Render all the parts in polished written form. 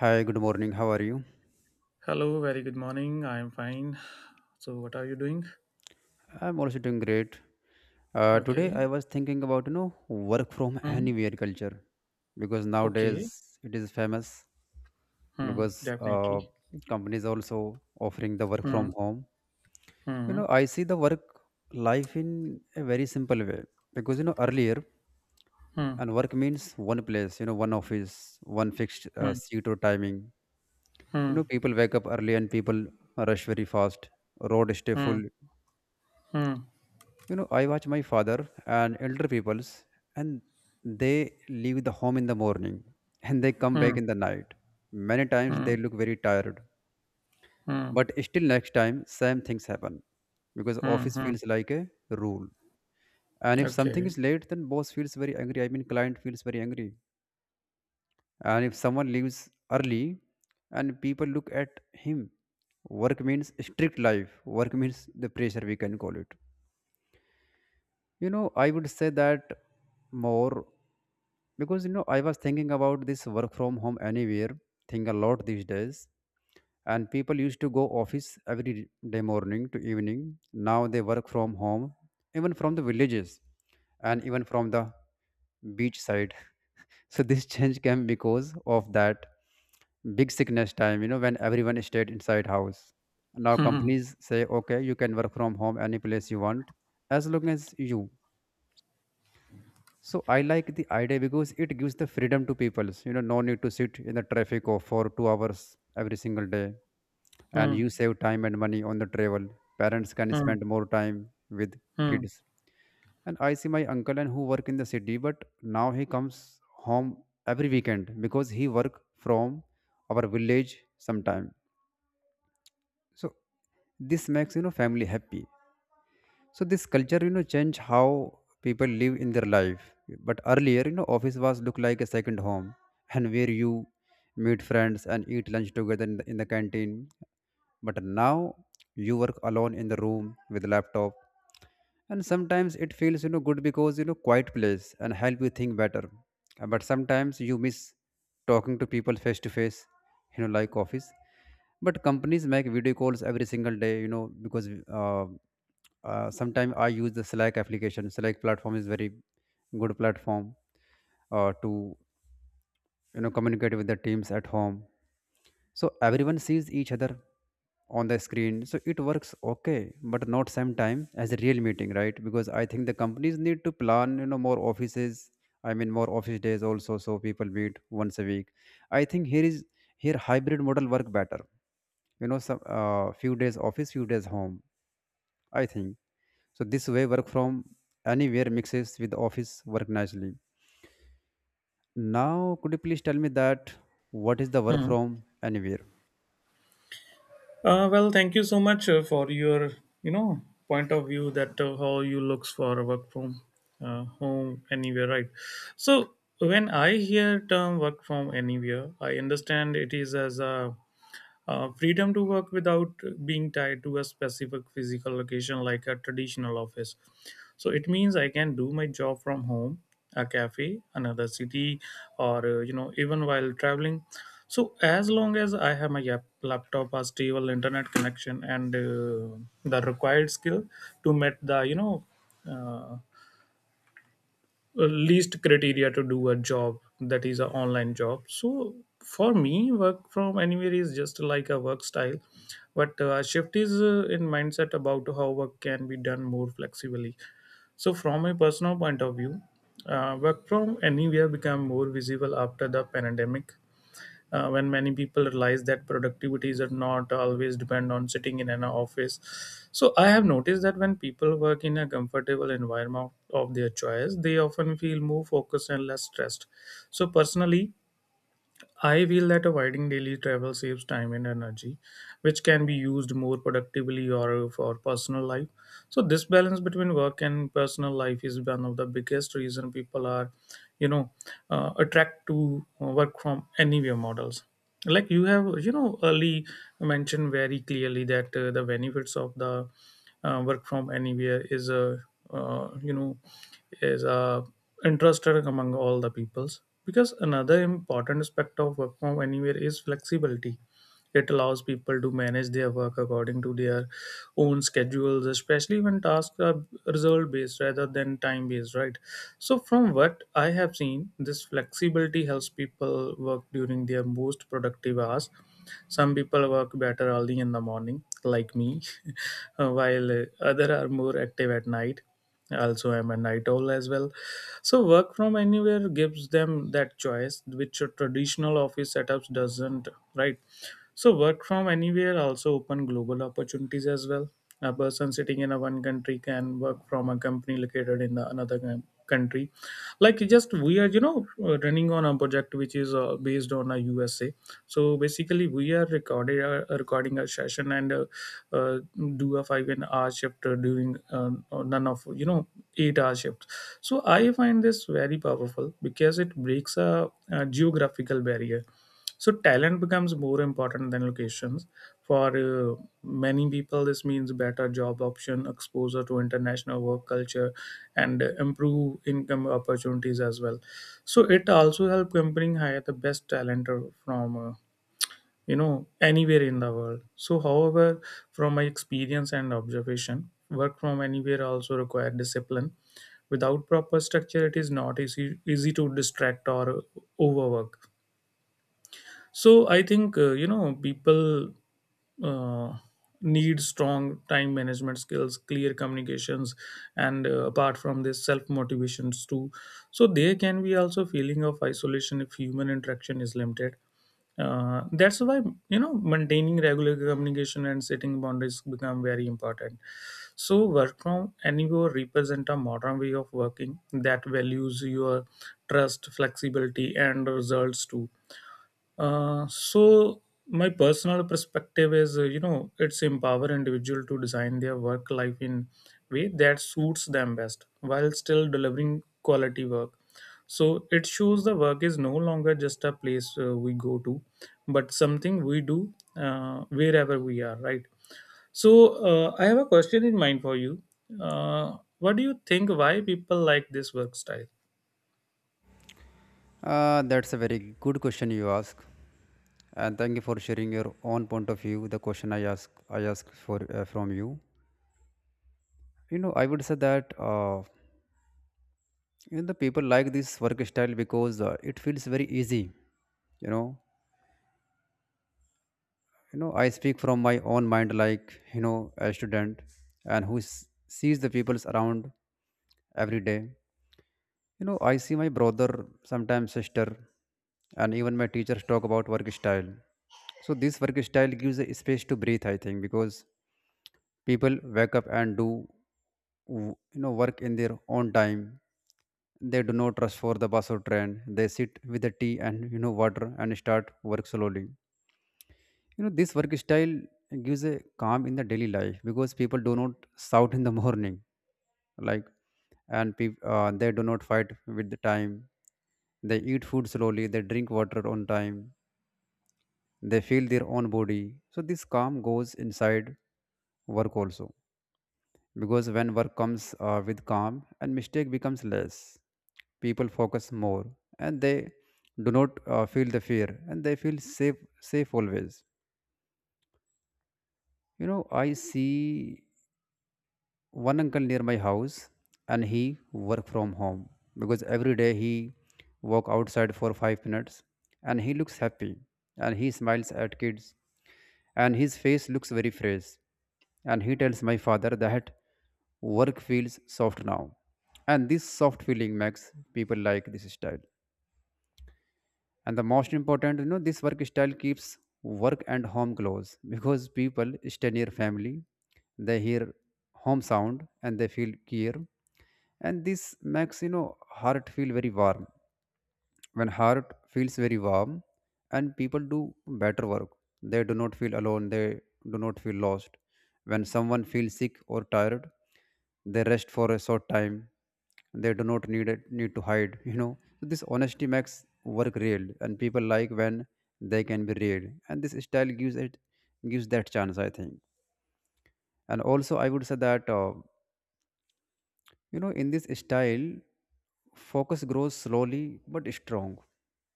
Hi, good morning. How are you? Hello, very good morning. I'm fine. So, what are you doing? I'm also doing great. Today Okay. I was thinking about work from Hmm. anywhere culture because nowadays Okay. it is famous Hmm. because Definitely. companies also offering the work from Hmm. home. You Hmm. know I see the work life in a very simple way because earlier Hmm. and work means one place, one office, one fixed Hmm. seat or timing. You Hmm. know, people wake up early and people rush very fast. Road stay Hmm. full. Hmm. You know, I watch my father and elder peoples, and they leave the home in the morning and they come Hmm. back in the night. Many Hmm. times Hmm. they look very tired, Hmm. but still, next time, same things happen because Hmm. office Hmm. feels like a rule. And if something Okay. is late, then boss feels very angry. I mean, client feels very angry. And if someone leaves early, and people look at him, work means strict life. Work means the pressure we can call it. You know, I would say that more because I was thinking about this work from home anywhere thing a lot these days, and people used to go office every day morning to evening. Now they work from home, even from the villages, and even from the beach side. So this change came because of that big sickness time. You know, when everyone stayed inside house. Now companies say, okay, you can work from home any place you want, as long as you. So I like the idea because it gives the freedom to people. You know, no need to sit in the traffic or for 2 hours every single day, and Hmm. you save time and money on the travel. Parents can Hmm. Hmm. spend more time with Hmm. kids. And I see my uncle and who work in the city, but now he comes home every weekend because he work from our village sometime. So this makes family happy, so this culture change how people live in their life. But earlier, office was look like a second home, and where you meet friends and eat lunch together in the canteen. But now you work alone in the room with laptop, and sometimes it feels good because quiet place and help you think better. But sometimes you miss talking to people face to face, like office. But companies make video calls every single day, because uh, sometimes I use the Slack application. Slack platform is very good platform to communicate with the teams at home, so everyone sees each other on the screen, so it works okay but not same time as a real meeting, right? Because I think the companies need to plan, more offices. I mean more office days also, so people meet once a week. I think here hybrid model work better. Some few days office, few days home, I think. So this way work from anywhere mixes with office work nicely. Now could you please tell me that what is the work Hmm. from anywhere? Well, thank you so much for your, you know, point of view that how you looks for work from home anywhere, right? So when I hear term work from anywhere, I understand it is as a freedom to work without being tied to a specific physical location like a traditional office. So it means I can do my job from home, a cafe, another city, or even while traveling. So as long as I have my laptop, a stable internet connection, and the required skill to meet the uh, least criteria to do a job that is an online job. So for me, work from anywhere is just like a work style, but shift is in mindset about how work can be done more flexibly. So from a personal point of view, work from anywhere became more visible after the pandemic, when many people realize that productivity is not always depend on sitting in an office. So I have noticed that when people work in a comfortable environment of their choice, they often feel more focused and less stressed. So personally, I feel that avoiding daily travel saves time and energy, which can be used more productively or for personal life. So this balance between work and personal life is one of the biggest reason people are, you know, attract to work from anywhere models. Like you have, early mentioned very clearly that the benefits of the work from anywhere uh, you know is a interested among all the peoples, because another important aspect of work from anywhere is flexibility. It allows people to manage their work according to their own schedules, especially when tasks are result based rather than time based, right? So from what I have seen, this flexibility helps people work during their most productive hours. Some people work better early in the morning, like me, while other are more active at night. Also, I'm a night owl as well. So, work from anywhere gives them that choice, which a traditional office setups doesn't, right? So work from anywhere also open global opportunities as well. A person sitting in a one country can work from a company located in the another country, like just we are running on a project which is based on a USA. So basically we are recorded recording a session, and uh, do a 5 and hour shift during none of 8-hour shifts. So I find this very powerful because it breaks a geographical barrier. So talent becomes more important than locations for many people. This means better job option, exposure to international work culture, and improve income opportunities as well. So it also help company hire the best talent from you know anywhere in the world. So however, from my experience and observation, work from anywhere also require discipline. Without proper structure, it is not easy to distract or overwork. So I think people uh, need strong time management skills, clear communications, and apart from this, self motivations too. So there can be also feeling of isolation if human interaction is limited. That's why maintaining regular communication and setting boundaries become very important. So work from anywhere represent a modern way of working that values your trust, flexibility, and results too. So my personal perspective is, it's empower individual to design their work life in way that suits them best while still delivering quality work. So it shows the work is no longer just a place we go to, but something we do wherever we are, right? So I have a question in mind for you. What do you think? Why people like this work style? That's a very good question you ask, and thank you for sharing your own point of view. The question I ask for from you. You know, I would say that the people like this work style because it feels very easy. You know, you know, I speak from my own mind, like a student, and who sees the peoples around every day. You know, I see my brother, sometimes sister, and even my teachers talk about work style. So this work style gives a space to breathe, I think, because people wake up and do work in their own time. They do not rush for the bus or train. They sit with the tea and water and start work slowly. You know, this work style gives a calm in the daily life because people do not shout in the morning, like, and peop they do not fight with the time. They eat food slowly, they drink water on time, they feel their own body. So, this calm goes inside work also because when work comes with calm and mistake becomes less, people focus more, and they do not feel the fear, and they feel safe, safe always. I see one uncle near my house, and he work from home because every day he walk outside for 5 minutes. And he looks happy, and he smiles at kids, and his face looks very fresh. And he tells my father that work feels soft now, and this soft feeling makes people like this style. And the most important, this work style keeps work and home close because people stay near family. They hear home sound and they feel care, and this makes heart feel very warm. When heart feels very warm and people do better work, they do not feel alone, they do not feel lost. When someone feels sick or tired, they rest for a short time. They do not need to hide. So this honesty makes work real, and people like when they can be real, and this style gives that chance, I think. And also, I would say that in this style, focus grows slowly but strong,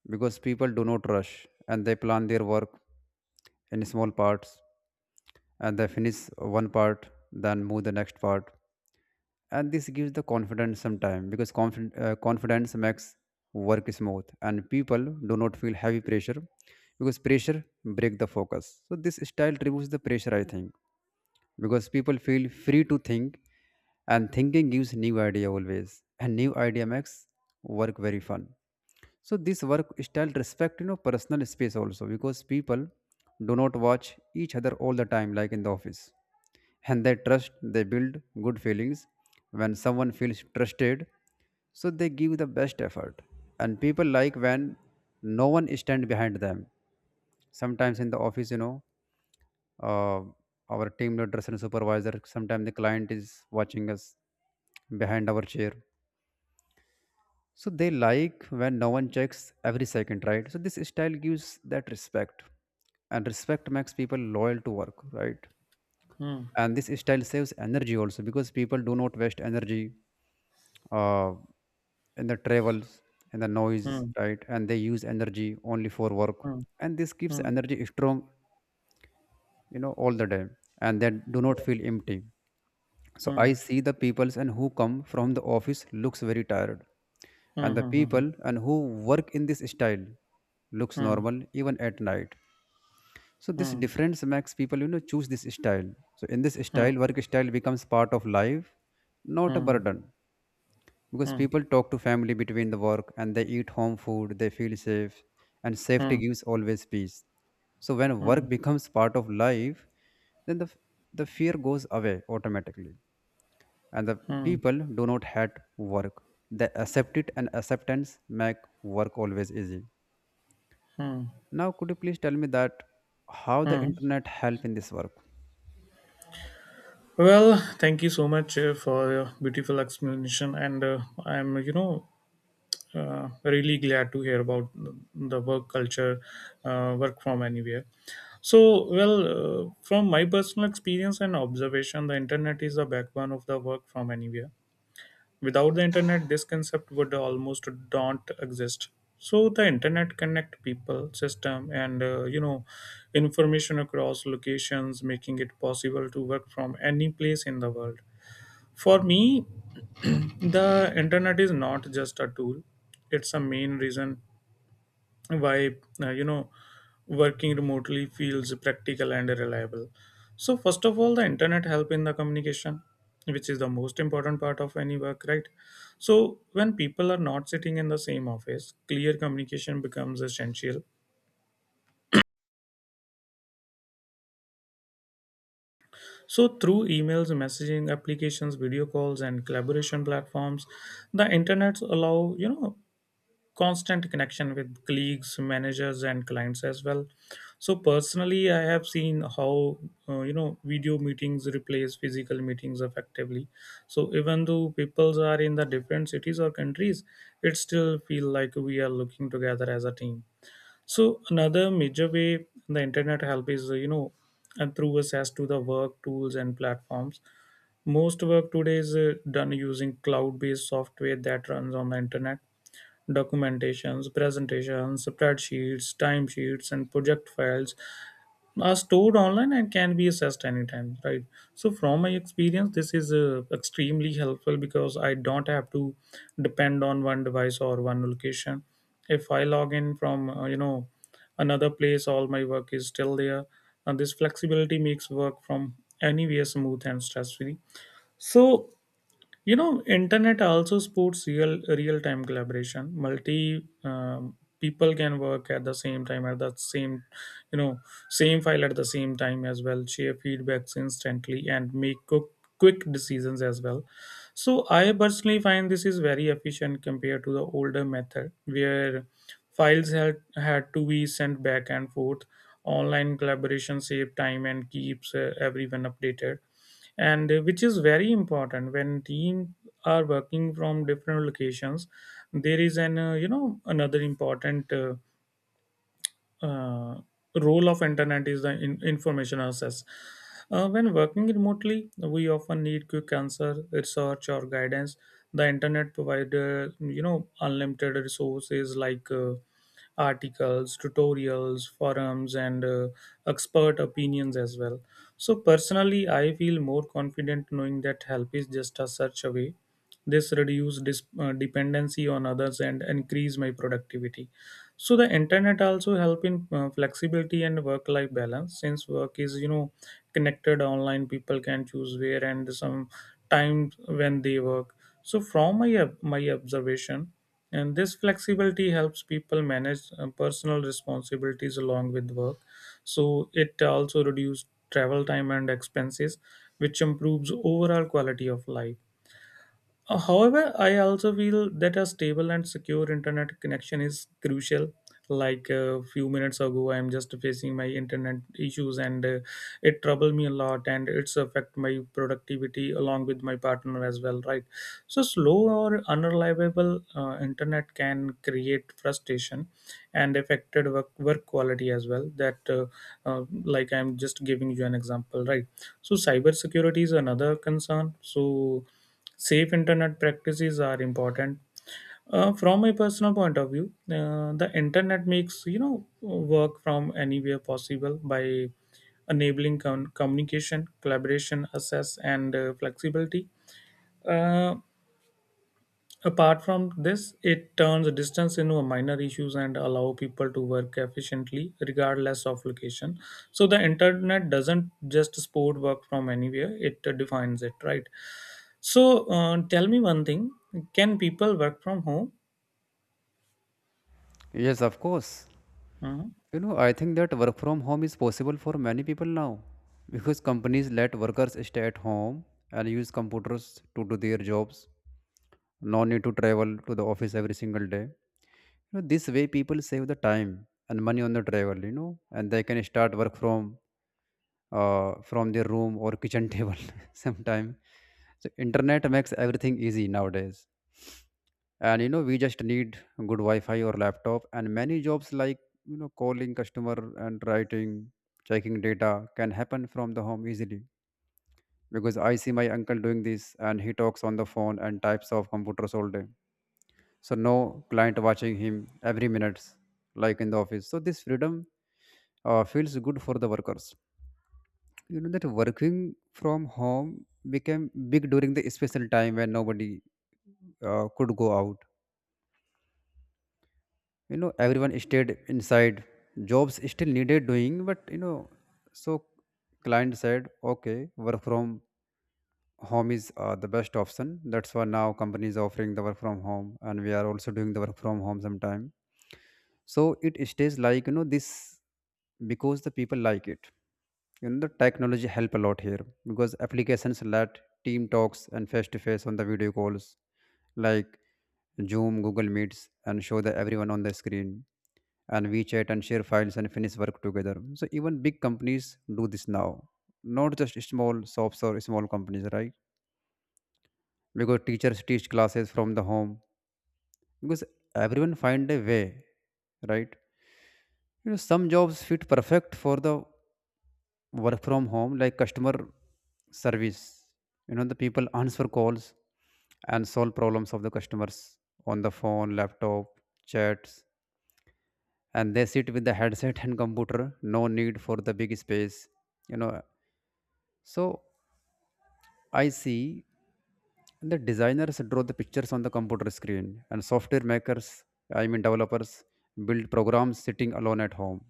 because people do not rush and they plan their work in small parts, and they finish one part, then move the next part. And this gives the confidence some time, because confidence makes work smooth, and people do not feel heavy pressure because pressure break the focus. So this style removes the pressure, I think, because people feel free to think. And thinking gives new idea always, and new idea makes work very fun. So this work style respect personal space also, because people do not watch each other all the time like in the office. And they trust, they build good feelings. When someone feels trusted, so they give the best effort. And people like when no one stand behind them. Sometimes in the office, uh, our team leaders and supervisor, sometimes the client is watching us behind our chair. So they like when no one checks every second, right? So this style gives that respect, and respect makes people loyal to work, right? Hmm. And this style saves energy also because people do not waste energy uh, in the travels and the noise, Hmm. right? And they use energy only for work, Hmm. and this keeps Hmm. energy strong, all the day, and they do not feel empty. So I Hmm. see the peoples and who come from the office looks very tired, Hmm. and the Hmm. Hmm. Hmm. people and who work in this style looks Hmm. normal even at night. So this Hmm. difference makes people choose this style. So in this Hmm, style, work style becomes part of life, not a hmm, burden, because hmm, people talk to family between the work, and they eat home food, they feel safe, and safety hmm, gives always peace. So when hmm, work becomes part of life, then the fear goes away automatically, and the hmm, people do not hate work, they accept it, and acceptance make work always easy. hmm, Now could you please tell me that how the hmm. internet help in this work? Well, thank you so much for your beautiful explanation, and I'm, really glad to hear about the work culture, work from anywhere. So, well, from my personal experience and observation, the internet is the backbone of the work from anywhere. Without the internet, this concept would almost don't exist. So the internet connect people, system, and information across locations, making it possible to work from any place in the world. For me, the internet is not just a tool; it's a main reason why uh, you know working remotely feels practical and reliable. So first of all, the internet help in the communication, which is the most important part of any work, right? So when people are not sitting in the same office, clear communication becomes essential. So through emails, messaging applications, video calls, and collaboration platforms, the internet allow constant connection with colleagues, managers, and clients as well. So personally, I have seen how video meetings replace physical meetings effectively. So even though peoples are in the different cities or countries, it still feel like we are looking together as a team. So another major way the internet help is and through access to the work tools and platforms. Most work today is done using cloud based software that runs on the internet. Documentations, presentations, spreadsheets, timesheets, and project files are stored online and can be accessed anytime, right? So, from my experience, this is extremely helpful because I don't have to depend on one device or one location. If I log in from, another place, all my work is still there. And this flexibility makes work from anywhere smooth and stress free. So, you know, internet also supports real time collaboration, multi people can work at the same time at the same you know same file at the same time as well, share feedbacks instantly and make quick decisions as well. So I personally find this is very efficient compared to the older method where files had to be sent back and forth. Online collaboration save time and keeps everyone updated, and which is very important when team are working from different locations. There is an another important uh, role of internet is the information access. When working remotely, we often need quick answer, research, or guidance. The internet provide unlimited resources like articles, tutorials, forums, and expert opinions as well. So personally, I feel more confident knowing that help is just a search away. This reduce dependency on others and increase my productivity. So the internet also help in flexibility and work life balance. Since work is connected online, people can choose where and some time when they work. So from my my observation, and this flexibility helps people manage personal responsibilities along with work. So it also reduces travel time and expenses, which improves overall quality of life. However I also feel that a stable and secure internet connection is crucial. Like a few minutes ago, I am just facing my internet issues, and it troubled me a lot, and it's affect my productivity along with my partner as well, right? So slow or unreliable internet can create frustration and affected work quality as well. That like I'm just giving you an example, right? So cybersecurity is another concern. So safe internet practices are important. From my personal point of view, the internet makes work from anywhere possible by enabling communication, collaboration, access, and flexibility. Uh, apart from this, it turns distance into a minor issues and allow people to work efficiently regardless of location. So the internet doesn't just support work from anywhere, it defines it, right? So tell me one thing: can people work from home? Yes, of course. Mm, You know, I think that work from home is possible for many people now because companies let workers stay at home and use computers to do their jobs. No need to travel to the office every single day. This way people save the time and money on the travel, and they can start work from from their room or kitchen table sometime. So internet makes everything easy nowadays, and we just need good wi-fi or laptop. And many jobs like calling customer and writing, checking data can happen from the home easily, because I see my uncle doing this, and he talks on the phone and types of computers all day. So no client watching him every minutes like in the office. So this freedom feels good for the workers, that working from home became big during the special time when nobody could go out. You know, everyone stayed inside, jobs still needed doing, but so client said okay, work from home is the best option. That's why now companies offering the work from home, and we are also doing the work from home sometime. So it stays like this because the people like it. The technology help a lot here, because applications let team talks and face to face on the video calls, like Zoom, Google Meets, and show the everyone on the screen and WeChat and share files and finish work together. So even big companies do this now, not just small shops or small companies, right? Because teachers teach classes from the home, because everyone find a way, right? You know, some jobs fit perfect for the work from home, like customer service. You know, the people answer calls and solve problems of the customers on the phone, laptop, chats, and they sit with the headset and computer. No need for the big space. You know, so I see. And the designers draw the pictures on the computer screen, and software makers, I mean developers, build programs sitting alone at home.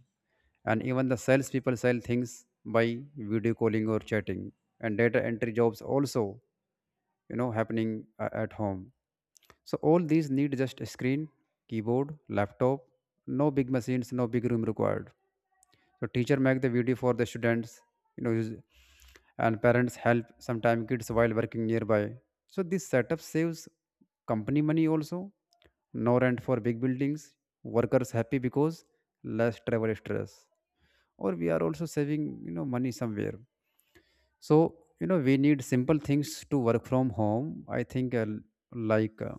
And even the salespeople sell things by video calling or chatting. And data entry jobs also, happening at home. So all these need just a screen, keyboard, laptop, no big machines, no big room required. So teacher make the video for the students. you know use- and parents help sometime kids while working nearby. So this setup saves company money also, no rent for big buildings. Workers happy because less travel stress, or we are also saving money somewhere. So we need simple things to work from home. I think, like uh,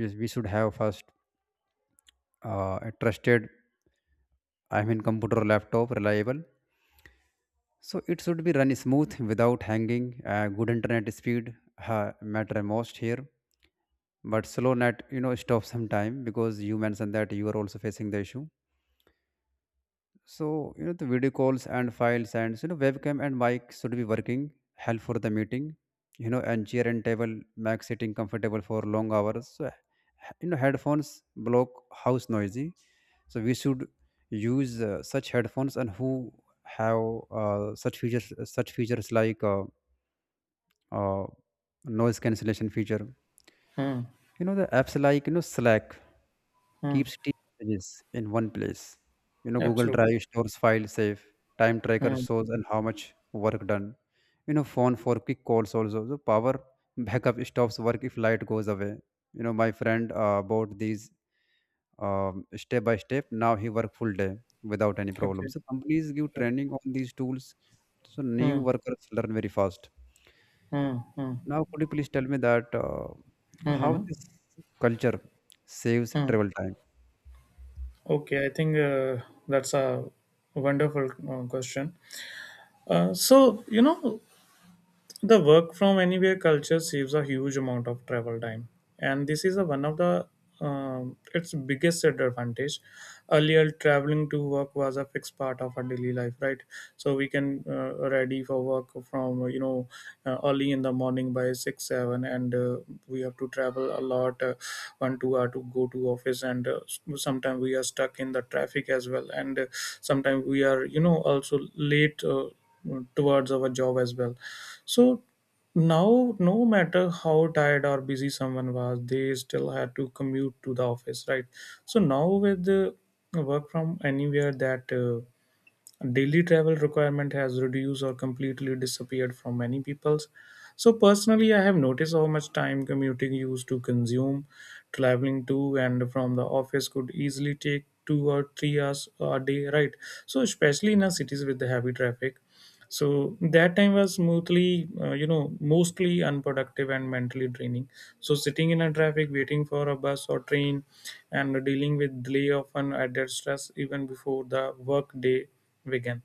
yes, we should have first a trusted, I mean computer, laptop, reliable. So it should be run smooth without hanging. Good internet speed matter most here, but slow net stop sometime because you mentioned that you are also facing the issue. So the video calls and files and webcam and mic should be working. Help for the meeting, you know, and chair and table make sitting comfortable for long hours. So headphones block house noisy. So we should use such headphones and who have such features, like. Uh, Noise cancellation feature. mm, You know, the apps like Slack mm, keeps team messages in one place. You know, Google absolutely. Drive stores files safe. Time tracker Mm, shows and how much work done. You know, phone for quick calls also. So power backup stops work if light goes away. You know, my friend bought these step by step. Now he work full day without any okay. problem. So companies give Okay. training on these tools, so new Mm, workers learn very fast. mm, mm, Now, could you please tell me that how mhm, this culture saves mm. travel time? Okay. I think that's a wonderful question. So you know, the work from anywhere culture saves a huge amount of travel time, and this is one of the its biggest advantage. Earlier, traveling to work was a fixed part of our daily life, right? So we can ready for work from early in the morning by six seven, and we have to travel a lot, one two hour to go to office, and sometimes we are stuck in the traffic as well, and sometimes we are also late. Towards our job as well. So now, no matter how tired or busy someone was, they still had to commute to the office, right? So now, with the work from anywhere, that daily travel requirement has reduced or completely disappeared from many people's. So personally, I have noticed how much time commuting used to consume. Traveling to and from the office could easily take two or three hours a day, right? So especially in our cities with the heavy traffic, so that time was smoothly, mostly unproductive and mentally draining. So sitting in a traffic waiting for a bus or train and dealing with delay often added stress even before the work day began.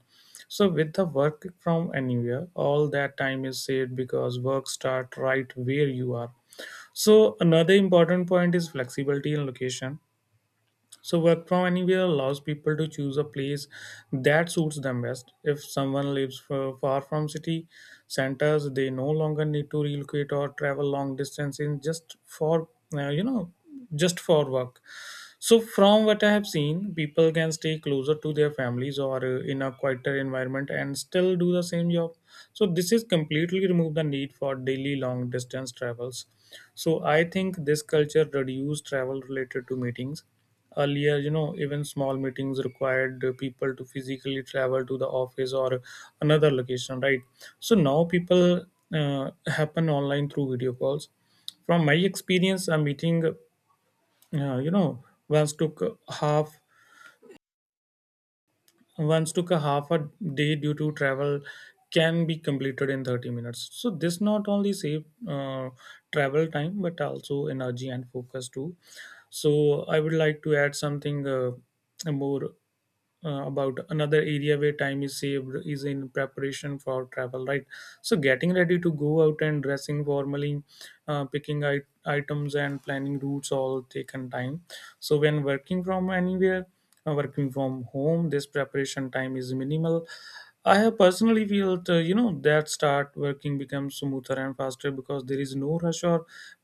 So with the work from anywhere, all that time is saved because work start right where you are. So another important point is flexibility in location. So work from anywhere allows people to choose a place that suits them best. If someone lives far from city centers, they no longer need to relocate or travel long distances just for uh, you know just for work. So, from what I have seen, people can stay closer to their families or in a quieter environment and still do the same job. So, this is completely remove the need for daily long distance travels. So, I think this culture reduced travel related to meetings. Earlier, you know, even small meetings required people to physically travel to the office or another location, right? So now people happen online through video calls. From my experience, a meeting, yeah, you know, once took a half once took a half a day due to travel, can be completed in 30 minutes. So this not only save travel time but also energy and focus too. So I would like to add something more about another area where time is saved is in preparation for travel, right? So getting ready to go out and dressing formally, picking items and planning routes all taken time. So when working from anywhere, working from home, this preparation time is minimal. I have personally felt that start working becomes smoother and faster because there is no rush or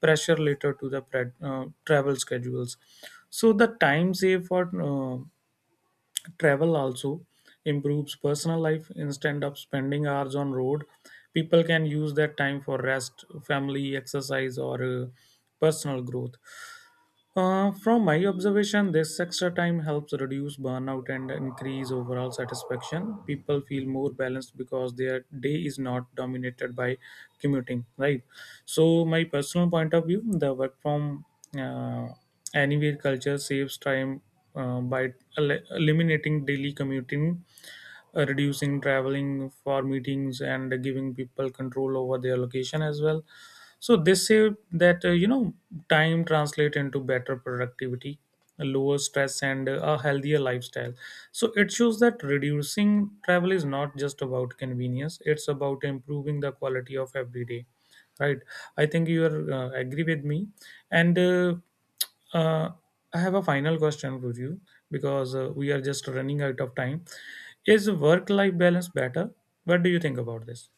pressure later to the travel schedules. So the time saved for uh, travel also improves personal life instead of spending hours on road. People can use that time for rest, family, exercise, or personal growth. From my observation, this extra time helps reduce burnout and increase overall satisfaction. People feel more balanced because their day is not dominated by commuting, right? So, my personal point of view, the work from uh, anywhere culture saves time by eliminating daily commuting, reducing traveling for meetings, and giving people control over their location as well. So they say that time translate into better productivity, lower stress, and a healthier lifestyle. So it shows that reducing travel is not just about convenience; it's about improving the quality of every day. Right? I think you are agree with me, and. Uh, I have a final question for you because we are just running out of time. Is work life balance better? What do you think about this?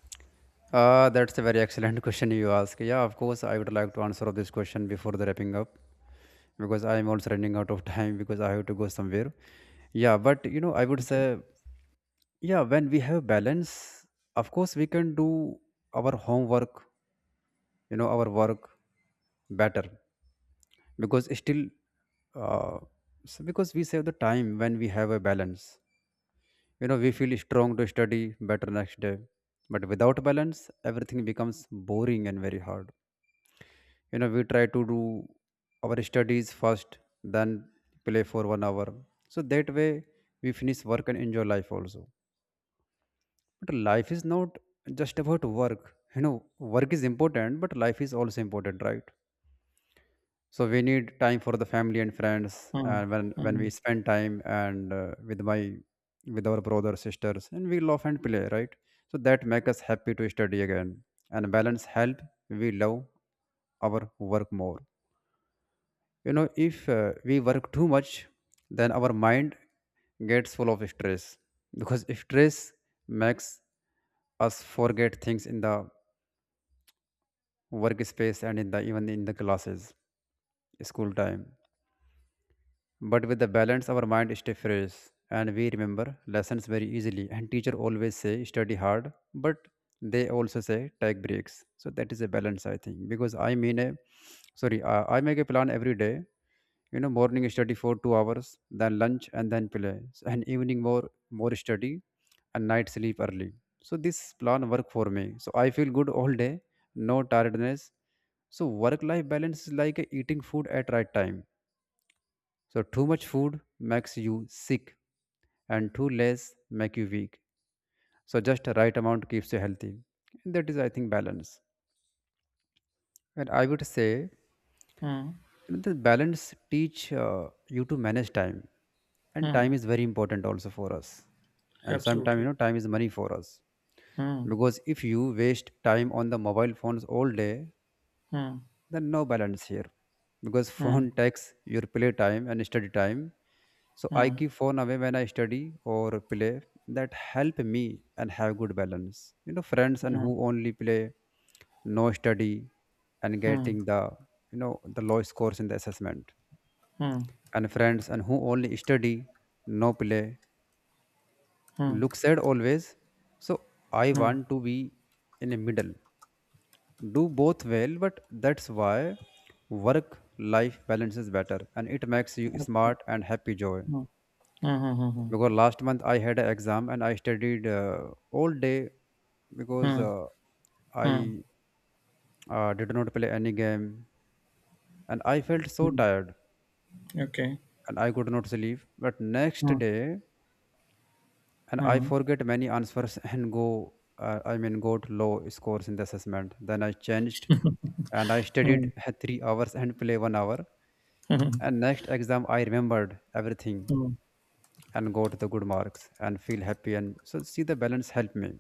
That's a very excellent question you ask. Yeah, of course, I would like to answer this question before the wrapping up, because I am also running out of time because I have to go somewhere. Yeah, but you know, I would Okay. say, yeah, when we have balance, of course, we can do our homework, you know, our work better. Because still, uh, so because we save the time when we have a balance. You know, we feel strong to study better next day. But without balance, everything becomes boring and very hard. You know, we try to do our studies first, then play for 1 hour. So that way, we finish work and enjoy life also. But life is not just about work. You know, work is important, but life is also important, right? So we need time for the family and friends, Hmm. and when Hmm. we spend time, and with our brother sisters and we love and play, right? So that make us happy to study again, and balance help, we love our work more. You know, if we work too much, then our mind gets full of stress, because stress makes us forget things in the workspace and in the even in the classes, school time. But with the balance, our mind stay fresh, and we remember lessons very easily. And teacher always say study hard, but they also say take breaks. So that is a balance, I think. Because I mean, a, sorry, I make a plan every day. You know, morning study for 2 hours, then lunch and then play. So, and evening more study, and night sleep early. So this plan work for me. So I feel good all day, no tiredness. So work life balance is like eating food at right time. So too much food makes you sick, and too less make you weak. So just the right amount keeps you healthy. That is, I think, balance. And I would say, Hmm. you know, the balance teach you to manage time, and Hmm. time is very important also for us. And sometimes, you Absolutely. know, time is money for us, Hmm. because if you waste time on the mobile phones all day, Hmm. then no balance here, because Hmm. phone takes your play time and study time. So I Hmm. keep phone away when I study or play. That help me and have good balance. You know, friends and Hmm. who only play, no study, and getting the the low scores in the assessment, Hmm. and friends and who only study, no play, Hmm. Hmm. Mm, look sad always. So I want to be in the middle, do both well, but that's why work life balance is better, and it makes you absolutely. Hmm. Hmm. smart and happy joy. Hmm. Hmm. Because last month I had an exam and I studied all day, because Hmm. I Mm, did not play any game, and I felt so mm. tired, Okay. and I could not sleep but next Hmm. day, and I Hmm. forget many answers and go, got low scores in the assessment. Then I changed, and I Hmm. studied 3 hours and play 1 hour, Hmm. and next exam I remembered everything, Hmm. and got the good marks and feel happy, and so see the balance help me.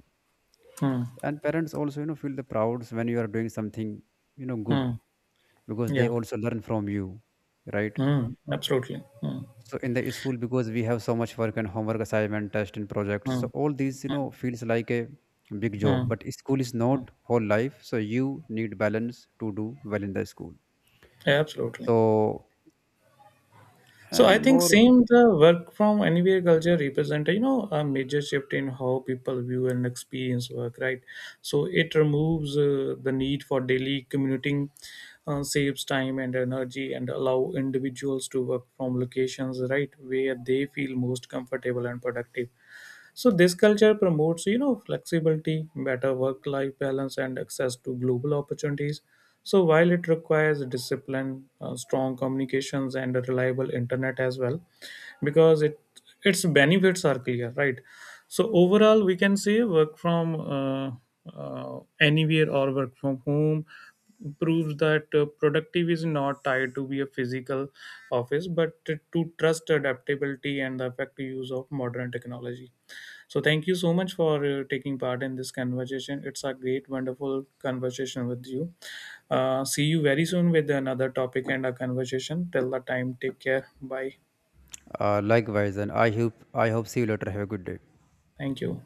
Hmm. And parents also, you know, feel the proud when you are doing something, you know, good, Mm. because they Yeah. also learn from you, right? Hmm. Absolutely. Hmm. So in the school, because we have so much work and homework, assignment, test, and projects, Hmm. so all these you Hmm. know feels like a big Hmm. job. But school is Mm. not whole life, so you need balance to do well in the school. Absolutely. So So I and think more, same the work from anywhere culture represent, you know, a major shift in how people view and experience work, right? So it removes the need for daily commuting, saves time and energy and allow individuals to work from locations right where they feel most comfortable and productive. So this culture promotes, you know, flexibility, better work-life balance, and access to global opportunities. So while it requires discipline, strong communications, and a reliable internet as well, because it its benefits are clear, right? So overall, we can say work from anywhere or work from home proves that productive is not tied to be a physical office, but to trust adaptability and the effective use of modern technology. So thank you so much for taking part in this conversation. It's a great, wonderful conversation with you. See you very soon with another topic and a conversation. Till the time, take care. Bye. Likewise, and I hope see you later. Have a good day. Thank you.